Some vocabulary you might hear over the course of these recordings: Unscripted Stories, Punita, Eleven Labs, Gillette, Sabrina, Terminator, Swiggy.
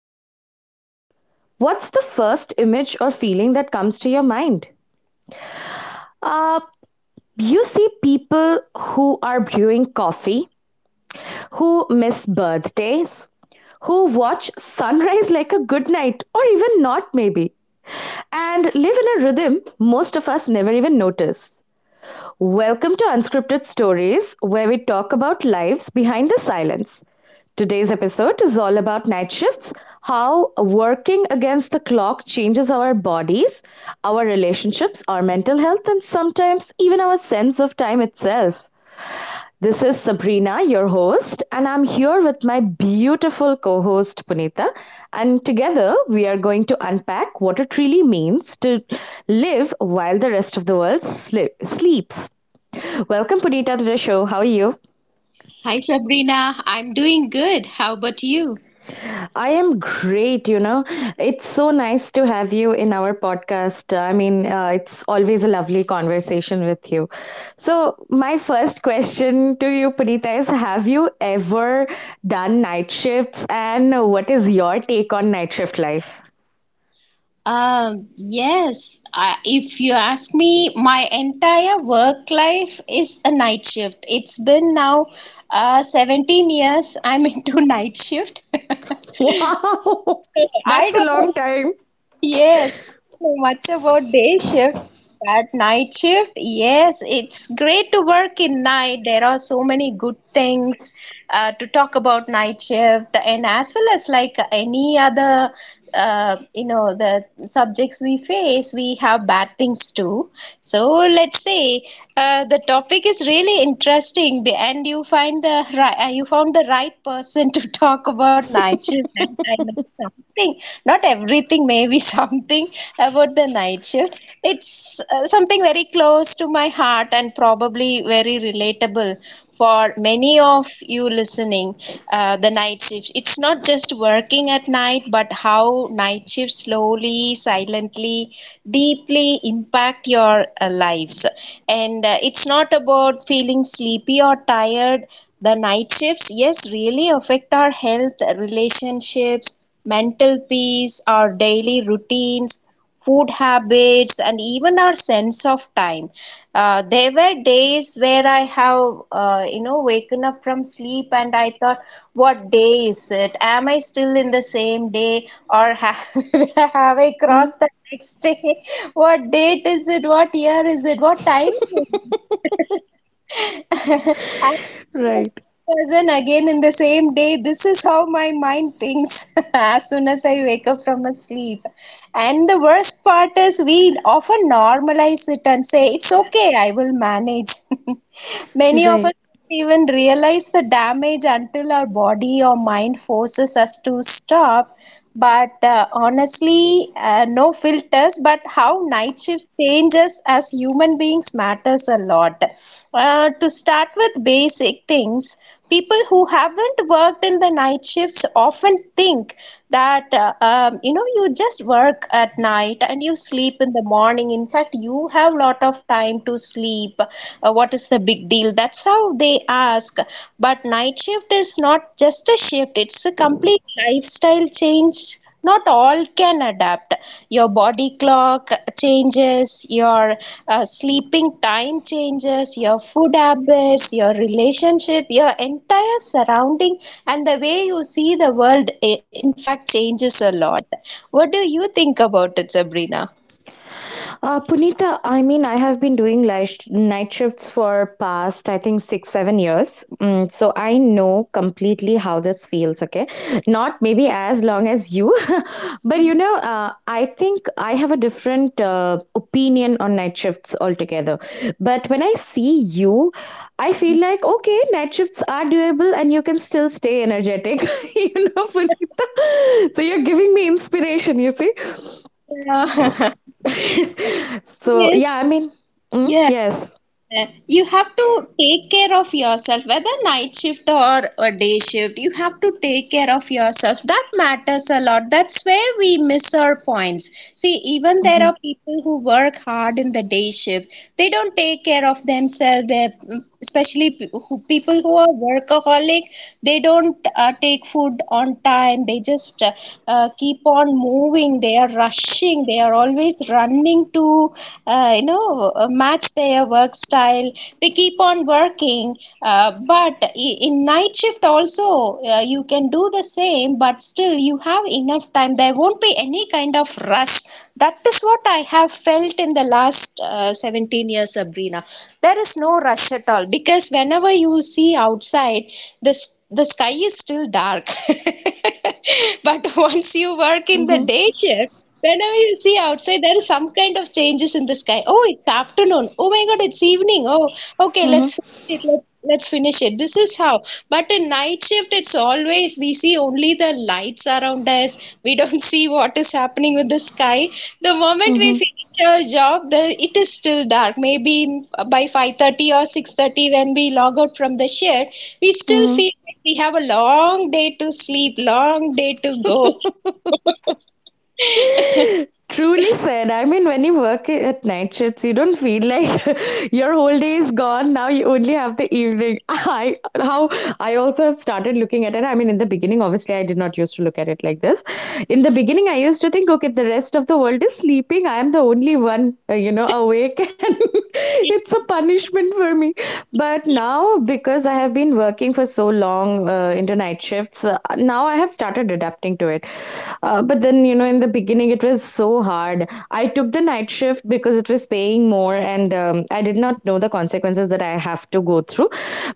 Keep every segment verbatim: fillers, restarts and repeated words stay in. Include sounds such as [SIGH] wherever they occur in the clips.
night shift life, what's the first image or feeling that comes to your mind? Uh, you see people who are brewing coffee, who miss birthdays, who watch sunrise [LAUGHS] like a good night or even not, maybe, and live in a rhythm most of us never even notice. Welcome to Unscripted Stories, where we talk about lives behind the silence. Today's episode is all about night shifts, how working against the clock changes our bodies, our relationships, our mental health, and sometimes even our sense of time itself. This is Sabrina, your host, and I'm here with my beautiful co host Punita. And together we are going to unpack what it really means to live while the rest of the world sli- sleeps. Welcome, Punita, to the show. How are you? Hi Sabrina, I'm doing good. How about you? I am great, you know. It's so nice to have you in our podcast. I mean, uh, it's always a lovely conversation with you. So, my first question to you, Punita, is: Have you ever done night shifts? And what is your take on night shift life? [LAUGHS] Um, yes, uh, if you ask me, my entire work life is a night shift. It's been now uh, seventeen years I'm into [LAUGHS] night shift. [LAUGHS] Wow, I that's a don't know long time. Yes, So much about day shift. That night shift, yes, it's great to work in night. There are so many good things uh, to talk about night shift, and as well as like any other, uh, you know, the subjects we face, we have bad things too. So let's say uh, the topic is really interesting, be- and you find the right, uh, you found the right person to [LAUGHS] talk about night shift. And I know something, not everything, maybe [LAUGHS] something about the night shift. It's uh, something very close to my heart and probably very relatable for many of you listening. Uh, the night shift. It's not just working at night, but how night shifts slowly, silently, deeply impact your uh, lives, and and uh, it's not about feeling sleepy or tired. The night shifts, yes, really affect our health, relationships, mental peace, our daily routines, food habits, and even our sense of time. Uh, there were days where I have, uh, you know waken up from sleep and I thought, what day is it? Am I still in the same day, or have, [LAUGHS] have I crossed the next day? [LAUGHS] What date is it? What year is it? What time? I'm the same person again in the same day. This is how my mind thinks [LAUGHS] as soon as I wake up from a sleep. And the worst part is we often normalize it and say, it's okay, I will manage. [LAUGHS] Many of us don't even realize the damage until our body or mind forces us to stop. But uh, honestly, uh, no filters. But how night shift changes as human beings matters a lot. Uh, to start with basic things, people who haven't worked in the night shifts often think that uh, um, you know you just work at night and you sleep in the morning. In fact, you have lot of time to sleep. Uh, what is the big deal? That's how they ask. But night shift is not just a shift; it's a complete lifestyle change. Not all can adapt. Your body clock changes, your uh, sleeping time changes, your food habits, your relationship, your entire surrounding, and the way you see the world, eh, in fact, changes a lot. What do you think about it, Sabrina? Uh, Punita, I mean, I have been doing light sh- night shifts for past, I think, six, seven years. Mm, so I know completely how this feels, okay? Not maybe as long as you, [LAUGHS] but you know, uh, I think I have a different uh, opinion on night shifts altogether. But when I see you, I feel like, okay, night shifts are doable and you can still stay energetic, [LAUGHS] you know, Punita. So you're giving me inspiration, you see? Yeah. [LAUGHS] [LAUGHS] So Yes. yeah, I mean, mm, Yeah. yes. Uh, you have to take care of yourself, whether night shift or a day shift. You have to take care of yourself. That matters a lot. That's where we miss our points. See, even there Hmm. are people who work hard in the day shift, they don't take care of themselves. They, especially pe- who- people who are workaholic, they don't uh, take food on time. They just uh, uh, keep on moving. They are rushing, they are always running to uh, you know, uh, match their work style. They keep on working, uh, but i- in night shift also, uh, you can do the same, but still you have enough time. There won't be any kind of rush. That is what I have felt in the last uh, seventeen years, Sabrina. There is no rush at all because whenever you see outside, this the sky is still dark. [LAUGHS] But once you work in the Hmm. day shift, whenever you see outside, there is some kind of changes in the sky. Oh, it's afternoon. Oh my God, it's evening. Oh, okay, Hmm. let's finish it. Let, let's finish it. This is how. But in night shift, it's always we see only the lights around us. We don't [LAUGHS] see what is happening with the sky. The moment we Hmm. finish our job, the, it is still dark. Maybe in, by five thirty or six thirty, when we log out from the shift, we still Hmm. feel like we have a long day to sleep, long day to go. Truly said. I mean, when you work i- at night shifts, you don't feel like [LAUGHS] your whole day is gone. Now you only have the evening. [LAUGHS] I how I also have started looking at it. I mean, in the beginning, obviously, I did not used to look at it like this. In the beginning, I used to think, okay, the rest of the world is sleeping. I am the only one, uh, you know, awake, [LAUGHS] and it's a punishment for me. But now, because I have been working for so long uh, into night shifts, uh, now I have started adapting to it. Uh, but then, you know, in the beginning, it was so hard. I took the night shift because it was paying more, and um, I did not know the consequences that I have to go through.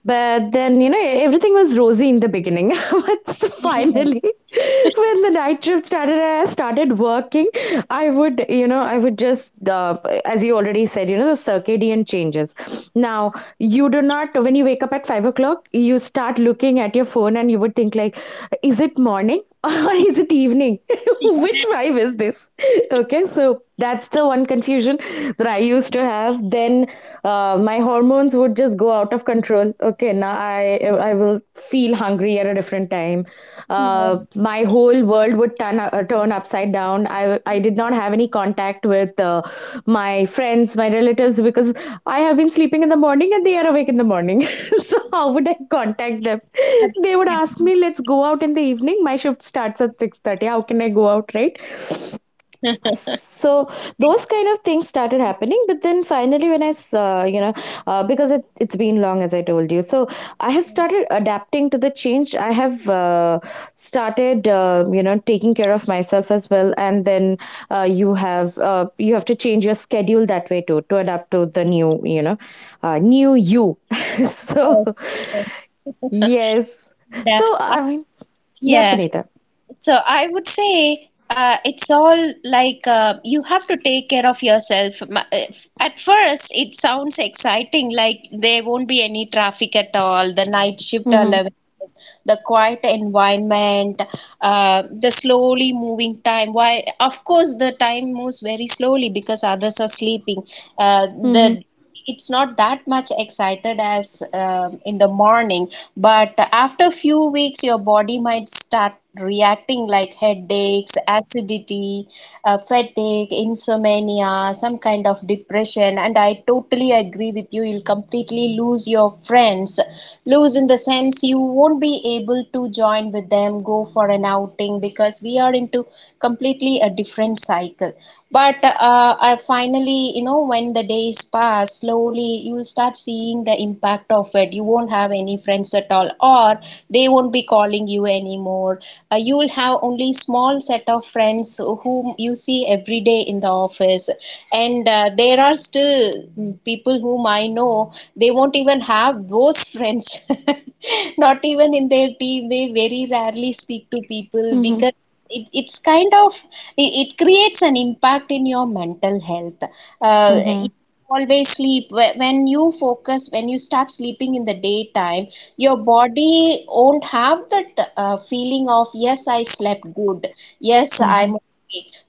But then, you know, everything was rosy in the beginning. [LAUGHS] But finally, [LAUGHS] when the night shift started and I started working, I would, you know, I would just, uh, as you already said, you know, the circadian changes. Now, you do not, when you wake up at five o'clock, you start looking at your phone and you would think, like, is it morning [LAUGHS] or is it evening? [LAUGHS] Which [LAUGHS] five is this? Okay, so that's the one confusion that I used to have. Then uh, my hormones would just go out of control. Okay, now I I will feel hungry at a different time. uh, Yeah, my whole world would turn uh, turn upside down. I I did not have any contact with uh, my friends, my relatives because I have been sleeping in the morning and they are awake in the morning. [LAUGHS] So how would I contact them? They would ask me, "Let's go out in the evening. My shift starts at six thirty. How can I go out, right?" So those kind of things started happening, but then finally when I, uh, you know uh, because it, it's been long as I told you, so I have started adapting to the change. I have uh, started uh, you know, taking care of myself as well. And then uh, you have uh, you have to change your schedule that way too, to adapt to the new, you know, uh, new you. [LAUGHS] So yes, yes. yes. And, So uh, I I- mean, yeah, yeah. Punita. So I would say uh, it's all like, uh, you have to take care of yourself. M- uh, At first, it sounds exciting, like there won't be any traffic at all, the night shift Mm-hmm. allowances, the quiet environment, uh, the slowly moving time. Why? Of course, the time moves very slowly because others are sleeping. Uh, mm-hmm. the It's not that much excited as um, in the morning, but after few weeks your body might start reacting like headaches, acidity, uh, fatigue, insomnia, some kind of depression. And I totally agree with you, you'll completely lose your friends. Lose in the sense, you won't be able to join with them, go for an outing, getting, because we are into completely a different cycle. But uh, I finally, you know, when the days pass slowly, you'll start seeing the impact of it. You won't have any friends at all, or they won't be calling you anymore. Uh, you'll have only small set of friends whom you see every day in the office. And uh, there are still mm, people whom i I know they won't even have those friends. [LAUGHS] Not even in their team, they very rarely speak to people Mm-hmm. because it, it's kind of, it, it creates an impact in your mental health. Uh, Mm-hmm. if you always sleep, wh- when you focus, when you start sleeping in the daytime, your body won't have that uh, feeling of, yes, I slept good, yes, Mm-hmm. I'm.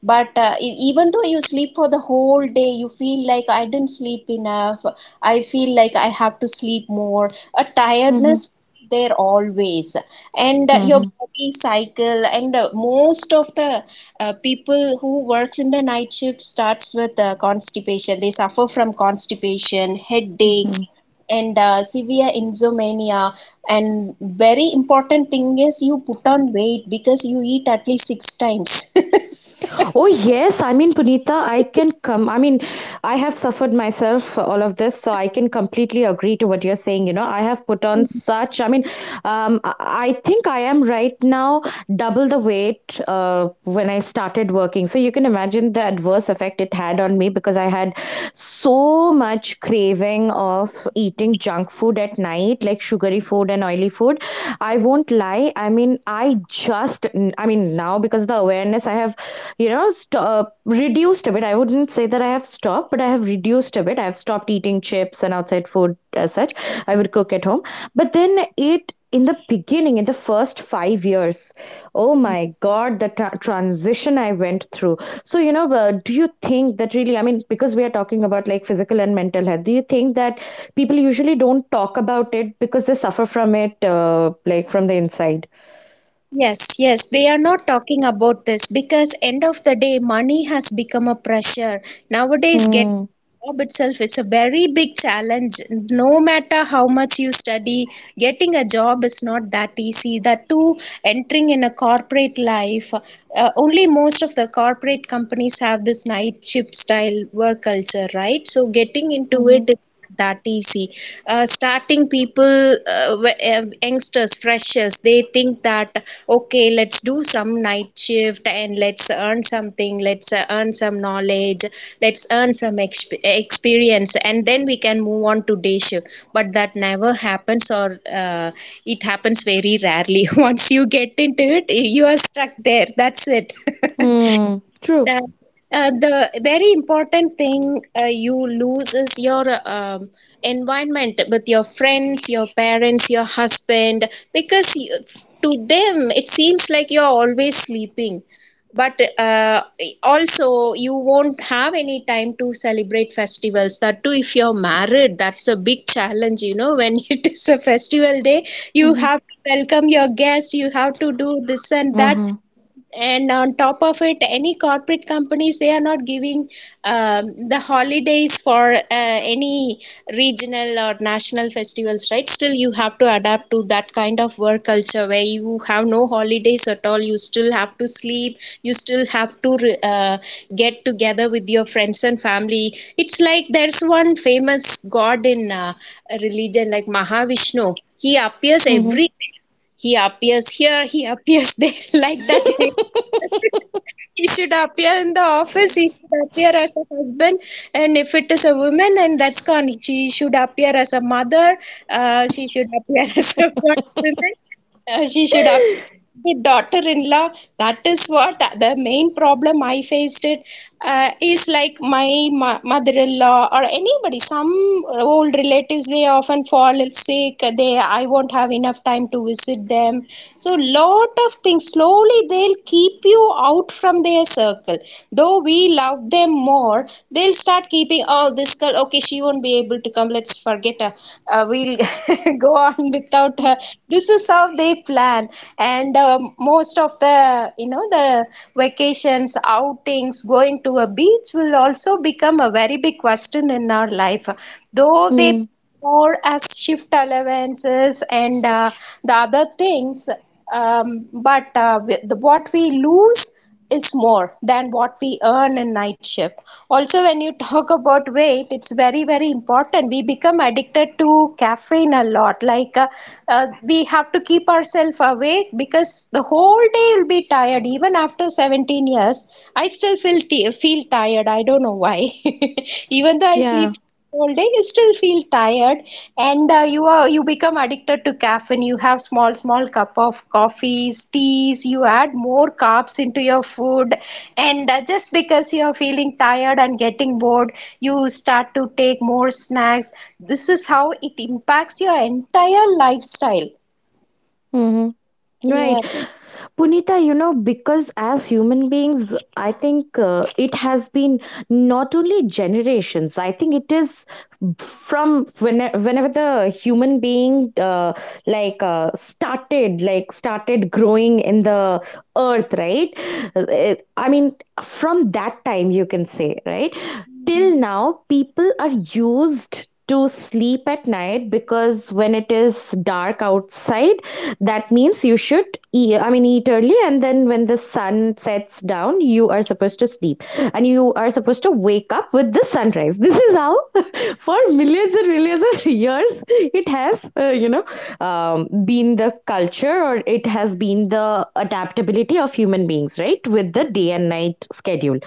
But uh, e- even though you sleep for the whole day, you feel like, I didn't sleep enough. I feel like I have to sleep more. A tiredness there always, and uh, Mm-hmm. your body cycle. And uh, most of the uh, people who works in the night shift starts with uh, constipation. They suffer from constipation, headaches, Mhm. and uh, severe insomnia. And very important thing is you put on weight because you eat at least six times. Oh, yes. I mean, Punita, I can come. I mean, I have suffered myself for all of this, so I can completely agree to what you're saying. You know, I have put on such, I mean, um, I I think I am right now double the weight uh, when I started working. So you can imagine the adverse effect it had on me, because I had so much craving of eating junk food at night, like sugary food and oily food. I won't lie. I mean, I just, I mean, now because the awareness I have, you know, st- uh, reduced a bit. I wouldn't say that I have stopped, but I have reduced a bit. I've stopped eating chips and outside food as such. I would cook at home. But then it, in the beginning, in the first five years, oh my God, the tra- transition I went through. So, you know, uh, do you think that really, I mean, because we are talking about like physical and mental health, do you think that people usually don't talk about it because they suffer from it, uh, like from the inside? Yes, yes, they are not talking about this because end of the day, money has become a pressure. Nowadays, get Hmm. job itself is a very big challenge. No matter how much you study, getting a job is not that easy. That too, entering in a corporate life, uh, only most of the corporate companies have this night shift style work culture, right? So getting into it Mm-hmm. is that easy. Uh, starting people, uh, wh- uh, youngsters, freshers, they think that, okay, let's do some night shift and let's earn something, let's uh, earn some knowledge, let's earn some exp- experience, and then we can move on to day shift. But that never happens, or uh, it happens very rarely. [LAUGHS] Once you get into it, you are stuck there. That's it. [LAUGHS] Mm, true. That, uh, the very important thing uh, you lose is your uh, um, environment with your friends, your parents, your husband, because you, to them it seems like you're always sleeping. But uh, also, you won't have any time to celebrate festivals. That too, if you're married, that's a big challenge, you know. When [LAUGHS] it is a festival day, you Mm-hmm. have to welcome your guests, you have to do this and that, Uh-huh. and on top of it, any corporate companies, they are not giving um, the holidays for uh, any regional or national festivals, right? Still you have to adapt to that kind of work culture where you have no holidays at all. You still have to sleep, you still have to re- uh, get together with your friends and family. It's like there's one famous god in uh, religion, like Mahavishnu. He appears Mm-hmm. every, he appears here, he appears there, [LAUGHS] like that. [LAUGHS] He should appear in the office, he should appear as a husband, and if it is a woman, then that's gone. She should appear as a mother, uh, she should appear [LAUGHS] as a woman, uh, she should appear the daughter-in-law. That is what the main problem I faced it, uh, is like my mo- mother-in-law or anybody, some old relatives, they often fall ill, sick. They, I won't have enough time to visit them. So lot of things slowly, they'll keep you out from their circle, though we love them more. They'll start keeping, oh, this girl, okay, she won't be able to come, let's forget her, uh, we'll [LAUGHS] go on without her. This is how they plan plan and um, most of the, you know, the vacations, outings, going to a beach will also become a very big question in our life. Though they Mm, more as shift allowances and uh, the other things, um, but uh, with the, what we lose is more than what we earn in night shift. Also, when you talk about weight, it's very, very important. We become addicted to caffeine a lot. Like, uh, uh, we have to keep ourselves awake because the whole day you'll be tired. Even after seventeen years, I still feel, t- feel tired. I don't know why. [LAUGHS] Even though I yeah. sleep all day, you still feel tired, and uh, you are you become addicted to caffeine. You have small small cup of coffees, teas. You add more carbs into your food, and uh, just because you are feeling tired and getting bored, you start to take more snacks. This is how it impacts your entire lifestyle. Mhm. Yeah. Right. Punita, you know, because as human beings, I think uh, it has been not only generations, I think it is from when, whenever the human being uh, like uh, started, like started growing in the earth, right? Uh, I mean, from that time, you can say, right? Mhm. Till now people are used to sleep at night, because when it is dark outside, that means you should eat, I mean, eat early. And then when the sun sets down you are supposed to sleep, and you are supposed to wake up with the sunrise. This is how [LAUGHS] for millions and millions of [LAUGHS] years it has uh, you know um, been the culture, or it it has been the adaptability of human beings, right, with the day and night schedule.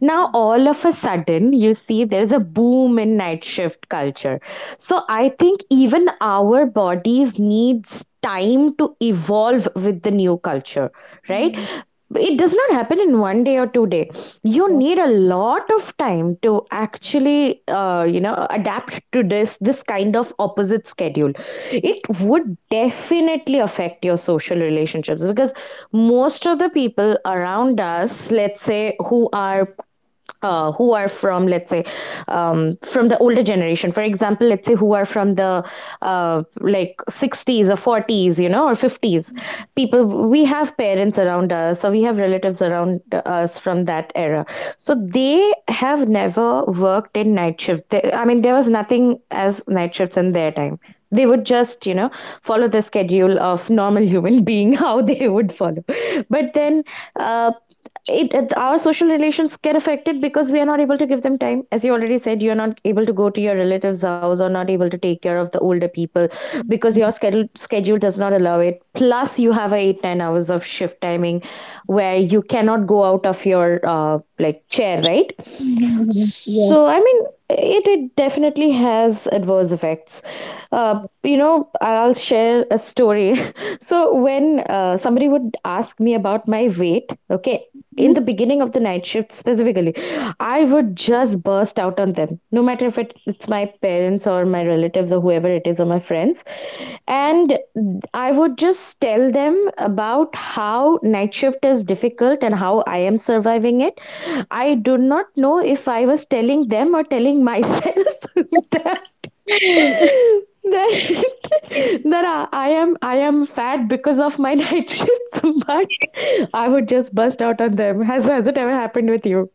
Now, all of a sudden, you see there's a boom in night shift culture. So, I think even our bodies needs time to evolve with the new culture, right. It does not happen in one day or two day. You Yeah. need a lot of time to actually uh, you know, adapt to this this kind of opposite schedule. It would definitely affect your social relationships because most of the people around us, let's say, who are uh, who are from, let's say, um, from the older generation. For example, let's say who are from the uh, like sixties or forties, you know, or fifties. People, we have parents around us, so we have relatives around us from that era. So they have never worked in night shift. they, I mean, there was nothing as night shifts in their time. They would just, you know, follow the schedule of normal [LAUGHS] human being, how they would follow. But then uh, it our social relations get affected, because we are not able to give them time. As you already said, you're not able to go to your relatives house or not able to take care of the older people, because your schedule schedule does not allow it. Plus you have a eight nine hours of shift timing where you cannot go out of your uh, like chair, right? Mhm. So I mean, it, it definitely has adverse effects. uh, you know, I'll share a story. [LAUGHS] So when uh, somebody would ask me about my weight, okay, in the beginning of the night shift specifically, I would just burst out on them, no matter if it, it's my parents or my relatives or whoever it is or my friends. And I would just tell them about how night shift is difficult and how I am surviving it. I do not know if I was telling them or telling myself. [LAUGHS] that that Yeah. [LAUGHS] [LAUGHS] that I I am I am fat because of my [LAUGHS] night shifts, but I would just bust out on them. Has has it ever happened with you?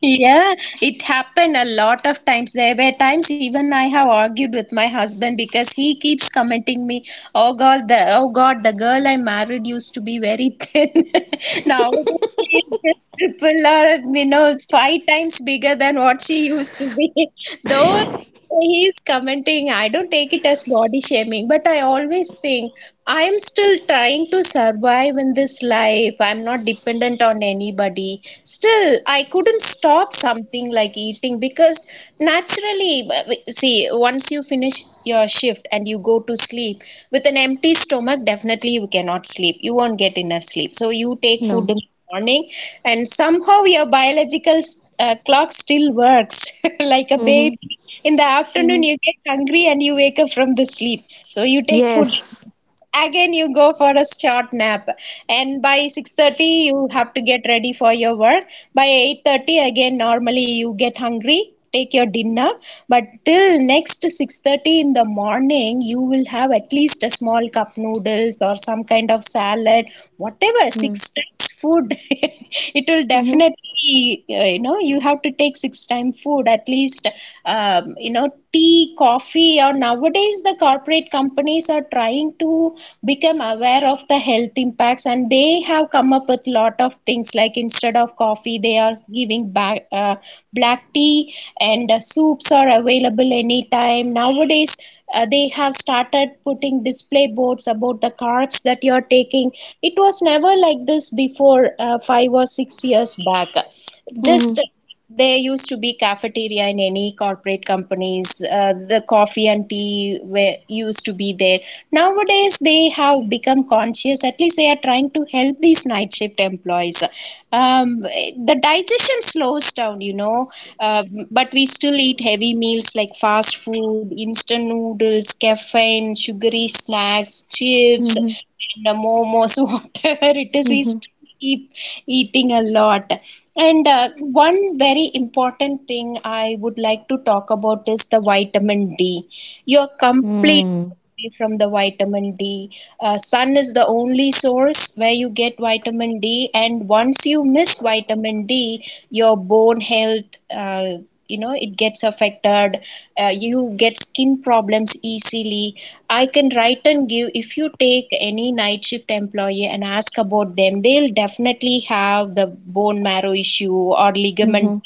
Yeah, it happened a lot of times. There were times even I have argued with my husband because he keeps commenting me, "Oh God, the oh God, the girl I married used to be very thin. [LAUGHS] Nowadays she is just triple or you know five times bigger than what she used to be." [LAUGHS] Those He's commenting, I don't take it as body shaming, but I always think I am still trying to survive in this life. I'm not dependent on anybody. Still, I couldn't stop something like eating because naturally, see, once you finish your shift and you go to sleep with an empty stomach, definitely you cannot sleep. You won't get enough sleep. So you take food No. in the morning, and somehow your biological uh, clock still works [LAUGHS] like a Mhm. baby. In the afternoon, Mhm. you get hungry and you wake up from the sleep. So you take food. Yes. Again, you go for a short nap, and by six thirty, you have to get ready for your work. By eight thirty, again, normally you get hungry, take your dinner. But till next six thirty in the morning, you will have at least a small cup noodles or some kind of salad, whatever. Mm. Six times food, [LAUGHS] it will Mhm. definitely tea, uh, you know you have to take six time food at least. Um, you know tea, coffee, or nowadays the corporate companies are trying to become aware of the health impacts, and they have come up with lot of things like instead of coffee, they they are giving back uh, black tea. And uh, soups are available anytime nowadays. Uh, they have started putting display boards about the carbs that you're taking. It was never like this before uh, five or six years back. just Mhm. uh, there used to be cafeteria in any corporate companies. Uh, the coffee and tea were used to be there. Nowadays, they have become conscious. At least they are trying to help these night shift employees. Um, the digestion slows down, you know, uh, but we still eat heavy meals like fast food, instant noodles, caffeine, sugary snacks, chips, Mhm. and the momos, [LAUGHS] whatever it is, we Mhm. still keep eating a lot. And uh, one very important thing I would like to talk about is the vitamin D. You're complete from the vitamin D. Uh, sun is the only source where you get vitamin D, and once you miss vitamin D, your bone health, uh, you know, it gets affected. Uh, you get skin problems easily. I can write and give if you take any night shift employee and ask about them, they'll definitely have the bone marrow issue or ligament Mhm.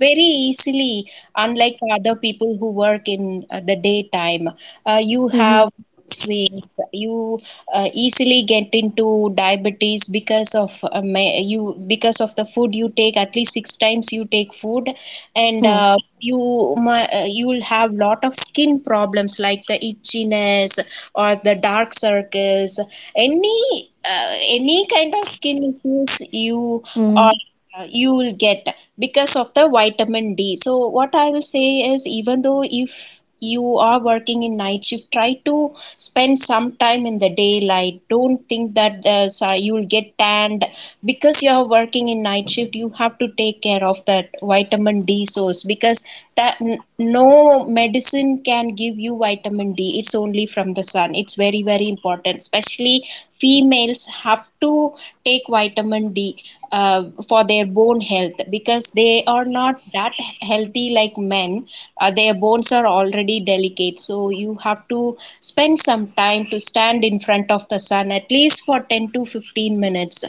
very easily, unlike other people who work in uh, the daytime. Uh, you Mhm. have swings. You uh, easily get into diabetes because of uh, ma- you because of the food you take. At least six times you take food, and Mhm. uh, you mi- uh, you will have lot of skin problems like the itchiness or the dark circles. Any uh, any kind of skin issues you Mhm. are Mhm. uh, you will get because of the vitamin D. So, what I will say is, even though if you are working in night shift, try to spend some time in the daylight. Don't think that the, sorry, you will get tanned because you are working in night shift. You have to take care of that vitamin D source because that n- no medicine can give you vitamin D. It's only from the sun. It's very, very important, especially females have to take vitamin D uh, for their bone health because they are not that healthy like men. Uh, their bones are already delicate, so you have to spend some time to stand in front of the sun at least for ten to fifteen minutes,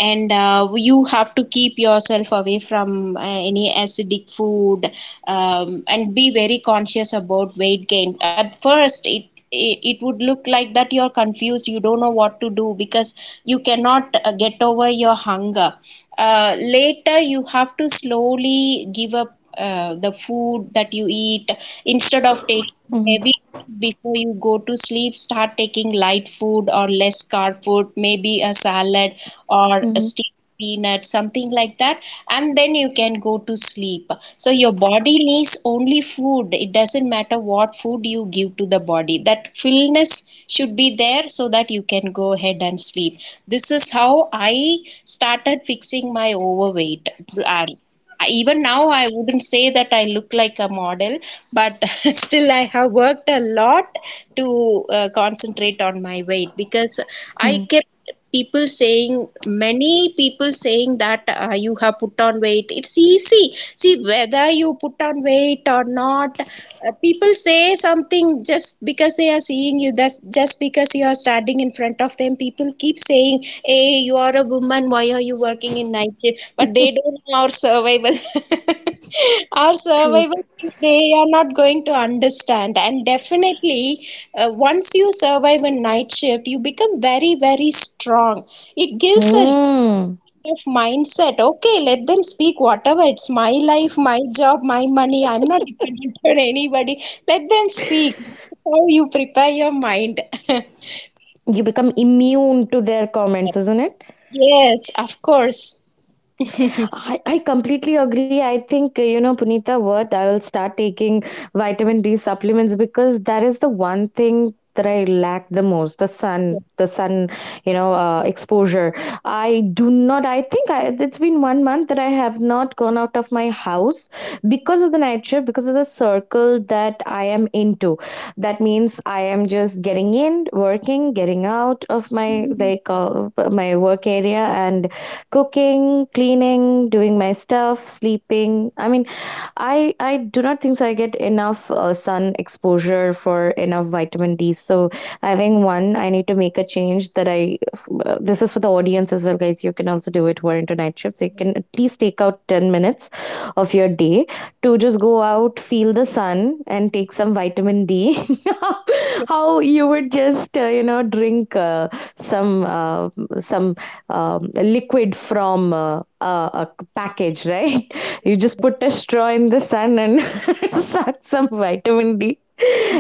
and uh, you have to keep yourself away from uh, any acidic food, um, and be very conscious about weight gain. At first, it it would look like that you're confused, you don't know what to do because you cannot uh, get over your hunger. Uh, later, you have to slowly give up uh, the food that you eat. Instead of taking Mhm. heavy before you go to sleep, start taking light food or less carb food, maybe a salad, or a Mhm. steak, peanut, something like that, and then you can go to sleep. So your body needs only food. It doesn't matter what food you give to the body, that fullness should be there so that you can go ahead and sleep. This is how I started fixing my overweight. uh, I- Even now, I wouldn't say that I look like a model, but [LAUGHS] still I have worked a lot to uh, concentrate on my weight because I Mhm. kept people saying many people saying that, uh, you have put on weight, it's easy body. See, whether you put on weight or not, uh, people say something just because they are seeing you. That's just because you are standing in front of them. People keep saying, "Hey, you are a woman. Why are you working in night shift?" But they don't know our survival. [LAUGHS] Our True. survival things, they are not going to understand. And definitely, uh, once you survive a night shift, you become very, very strong. It gives a Mm. of mindset. Okay, let them speak whatever. It's my life, my job, my money. I'm not dependent [LAUGHS] on anybody. Let them speak. That's how you prepare your mind. [LAUGHS] You become immune to their comments, isn't it? Yes, of course. I, I completely agree. I think, uh, you know, Punita, what I will start taking vitamin D supplements, because that is the one thing that I lack the most: the sun, the sun, you know, uh, exposure. I do not, I think I, it's been one month that I have not gone out of my house, because of the night shift, because of the circle that I am into. That means I am just getting in, working, getting out of my, like, uh, my work area and cooking, cleaning, doing my stuff, sleeping. I mean, I I do not think so. I get enough uh, sun exposure for enough vitamin D. So I think one, I need to make a change that I. Uh, this is for the audience as well, guys. You can also do it who are into night shifts. You can at least take out ten minutes of your day to just go out, feel the sun, and take some vitamin D. [LAUGHS] How you would just uh, you know, drink uh, some uh, some um, liquid from uh, a, a package, right? You just put a straw in the sun and [LAUGHS] suck some vitamin D.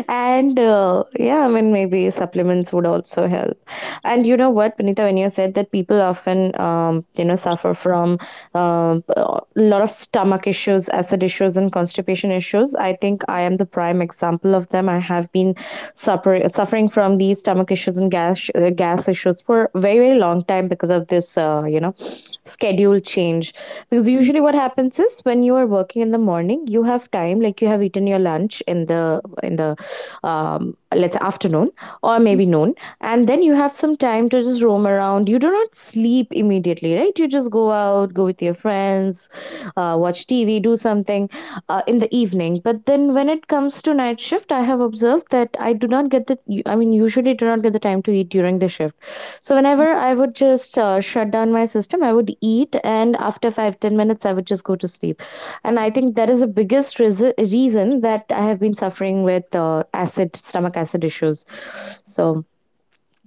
And uh, yeah, I mean, maybe supplements would also help. And you know what, Panita, when you said that people often, um, you know, suffer from um, a lot of stomach issues, acid issues, and constipation issues, I think I am the prime example of them. I have been suffer- suffering from these stomach issues and gas, uh, gas issues for a very, very long time because of this, uh, you know, schedule change. Because usually what happens is when you are working in the morning, you have time, like you have eaten your lunch in the in the um, let's say afternoon or maybe noon, and then you have some time to just roam around. You do not sleep immediately, right? You just go out, go with your friends, uh, watch T V, do something uh, in the evening. But then when it comes to night shift, I have observed that I do not get the, I mean, usually do not get the time to eat during the shift. So whenever I would just uh, shut down my system, I would eat and after five ten minutes I would just go to sleep. And I think that is the biggest reason reason that I have been suffering with uh, acid stomach acid issues. So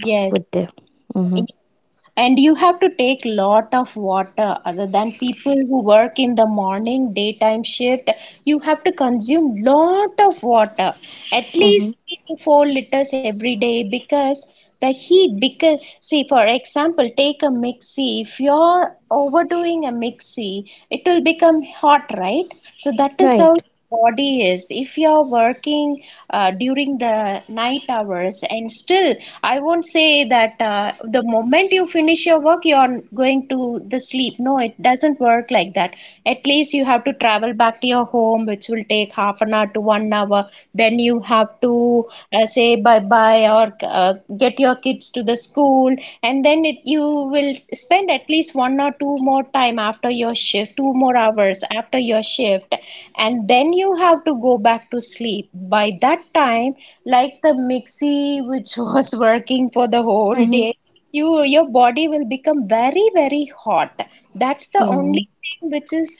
Yes. good day. Mm-hmm. And you have to take lot of water. Other than people who work in the morning daytime shift, you have to consume lot of water at least Mm-hmm. three to four liters every day because the heat. Because see, for example, take a mixie. If you're overdoing a mixie, it will become hot, right? So that is how Right. body is. If you're working uh, during the night hours and still, I won't say that uh, the moment you finish your work, you're going to the sleep. No, it doesn't work like that. At least you have to travel back to your home, which will take half an hour to one hour. Then you have to uh, say bye bye, or uh, get your kids to the school, and then it, you will spend at least one or two more time after your shift, two more hours after your shift, and then you have to go back to sleep. By that time, like the mixie which [LAUGHS] was working for the whole Mm-hmm. day, you your body will become very, very hot. That's the Mm-hmm. only thing which is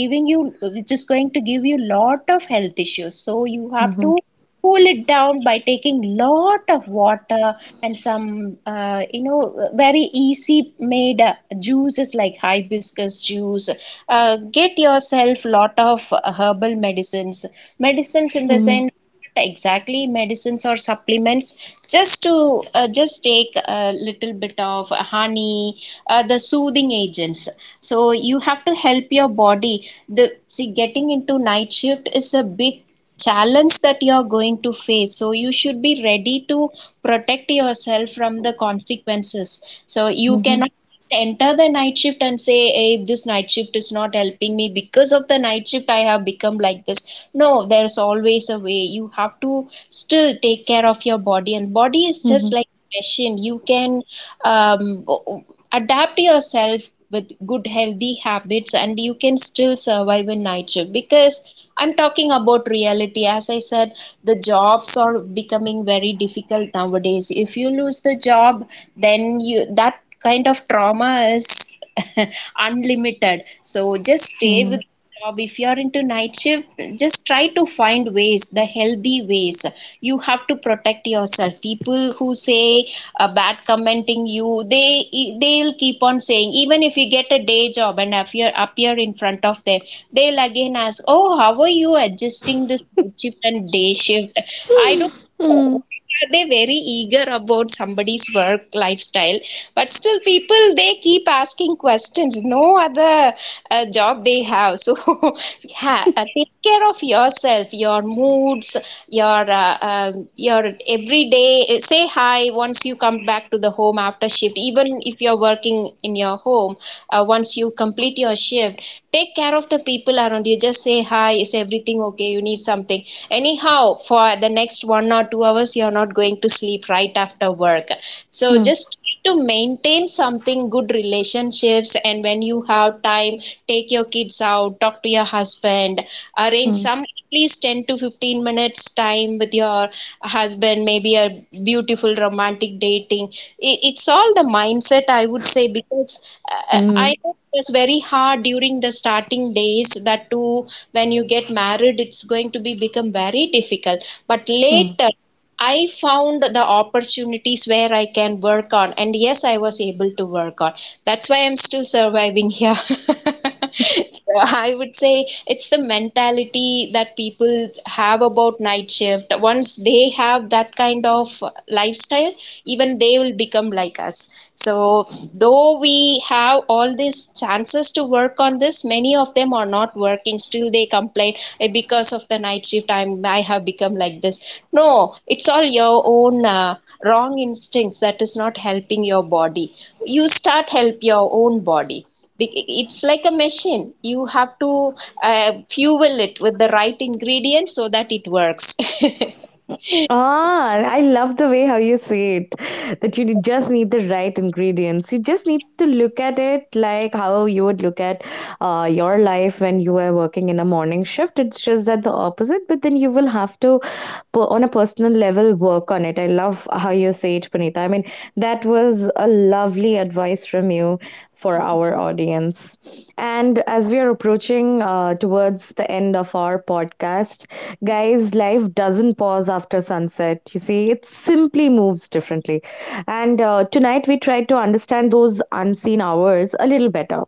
giving you which is going to give you lot of health issues, so you have Mm-hmm. to cool it down by taking lot of water and some uh, you know very easy made uh, juices like hibiscus juice. Uh, get yourself lot of herbal medicines. Medicines in the sense, not exactly medicines or supplements, just to uh, just take a little bit of honey, uh, the soothing agents. So you have to help your body. The see getting into night shift is a big challenge that you're going to face. So you should be ready to protect yourself from the consequences. So you Mm-hmm. cannot just enter the night shift and say, hey, this night shift is not helping me, because of the night shift, I have become like this. No, there's always a way. You have to still take care of your body, and body is Mm-hmm. just like a machine. You can um, adapt yourself with good healthy habits, and you can still survive in night shift because I'm talking about reality. As I said, the jobs are becoming very difficult nowadays. If you lose the job, then you, that kind of trauma is [LAUGHS] unlimited. So just stay Mm-hmm. with job. If you're into night shift, just try to find ways, the healthy ways. You have to protect yourself. People who say a bad commenting you, they e, they'll keep on saying even if you get a day job and appear appear in front of them. They'll again ask, oh, how are you adjusting this night shift and day shift? I [GASPS] don't know, Mm-hmm. are they very eager about somebody's work lifestyle? But still people, they keep asking questions, no other uh, job they have. So [LAUGHS] ha- uh, take care of yourself, your moods, your uh, um, your everyday. Uh, say hi once you come back to the home after shift. Even if you're working in your home, uh, once you complete your shift shift, take care of the people around you, just say hi, is everything okay, you need something? Anyhow, for the next one or two hours, you're not going to sleep right after work, so Mm-hmm. just to maintain something good relationships, and when you have time, take your kids out, talk to your husband, arrange Hmm. some least ten to fifteen minutes time with your husband, maybe a beautiful romantic dating. I- it's all the mindset, I would say, because uh, I Hmm. know it was very hard during the starting days, that too when you get married, it's going to be become very difficult, but Hmm. later I found the opportunities where I can work on, and yes, I was able to work on. That's why I'm still surviving here. [LAUGHS] [LAUGHS] So I would say it's the mentality that people have about night shift. Once they have that kind of lifestyle, even they will become like us. So, though we have all these chances to work on this, many of them are not working. Still, they complain, "Eh, because of the night shift. I'm I have become like this. No, it's all your own uh, wrong instincts that is not helping your body. You start help your own body. Be- It's like a machine. You have to uh, fuel it with the right ingredients so that it works." [LAUGHS] Ah, I love the way how you say it. That you need- just need the right ingredients. You just need to look at it like how you would look at uh, your life when you were working in a morning shift. It's just that the opposite, but then you will have to per- on a personal level work on it. I love how you say it, Punita. I mean, that Yes. was a lovely advice from you for our audience. And as we are approaching uh, towards the end of our podcast, guys, life doesn't pause after sunset. You see, it simply moves differently. And uh, tonight we tried to understand those unseen hours a little better.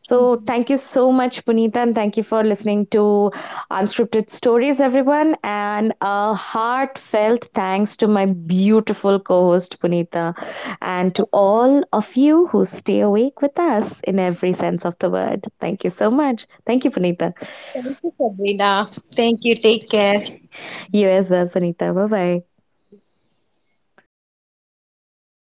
So, thank you so much, Punita, and thank you for listening to Unscripted Stories, everyone. And a heartfelt thanks to my beautiful co host, Punita, and to all of you who stay awake with us in every sense of the word. Thank you so much. Thank you, Punita. Thank you, Sabrina. Thank you. Take care. You as well, Punita. Bye bye.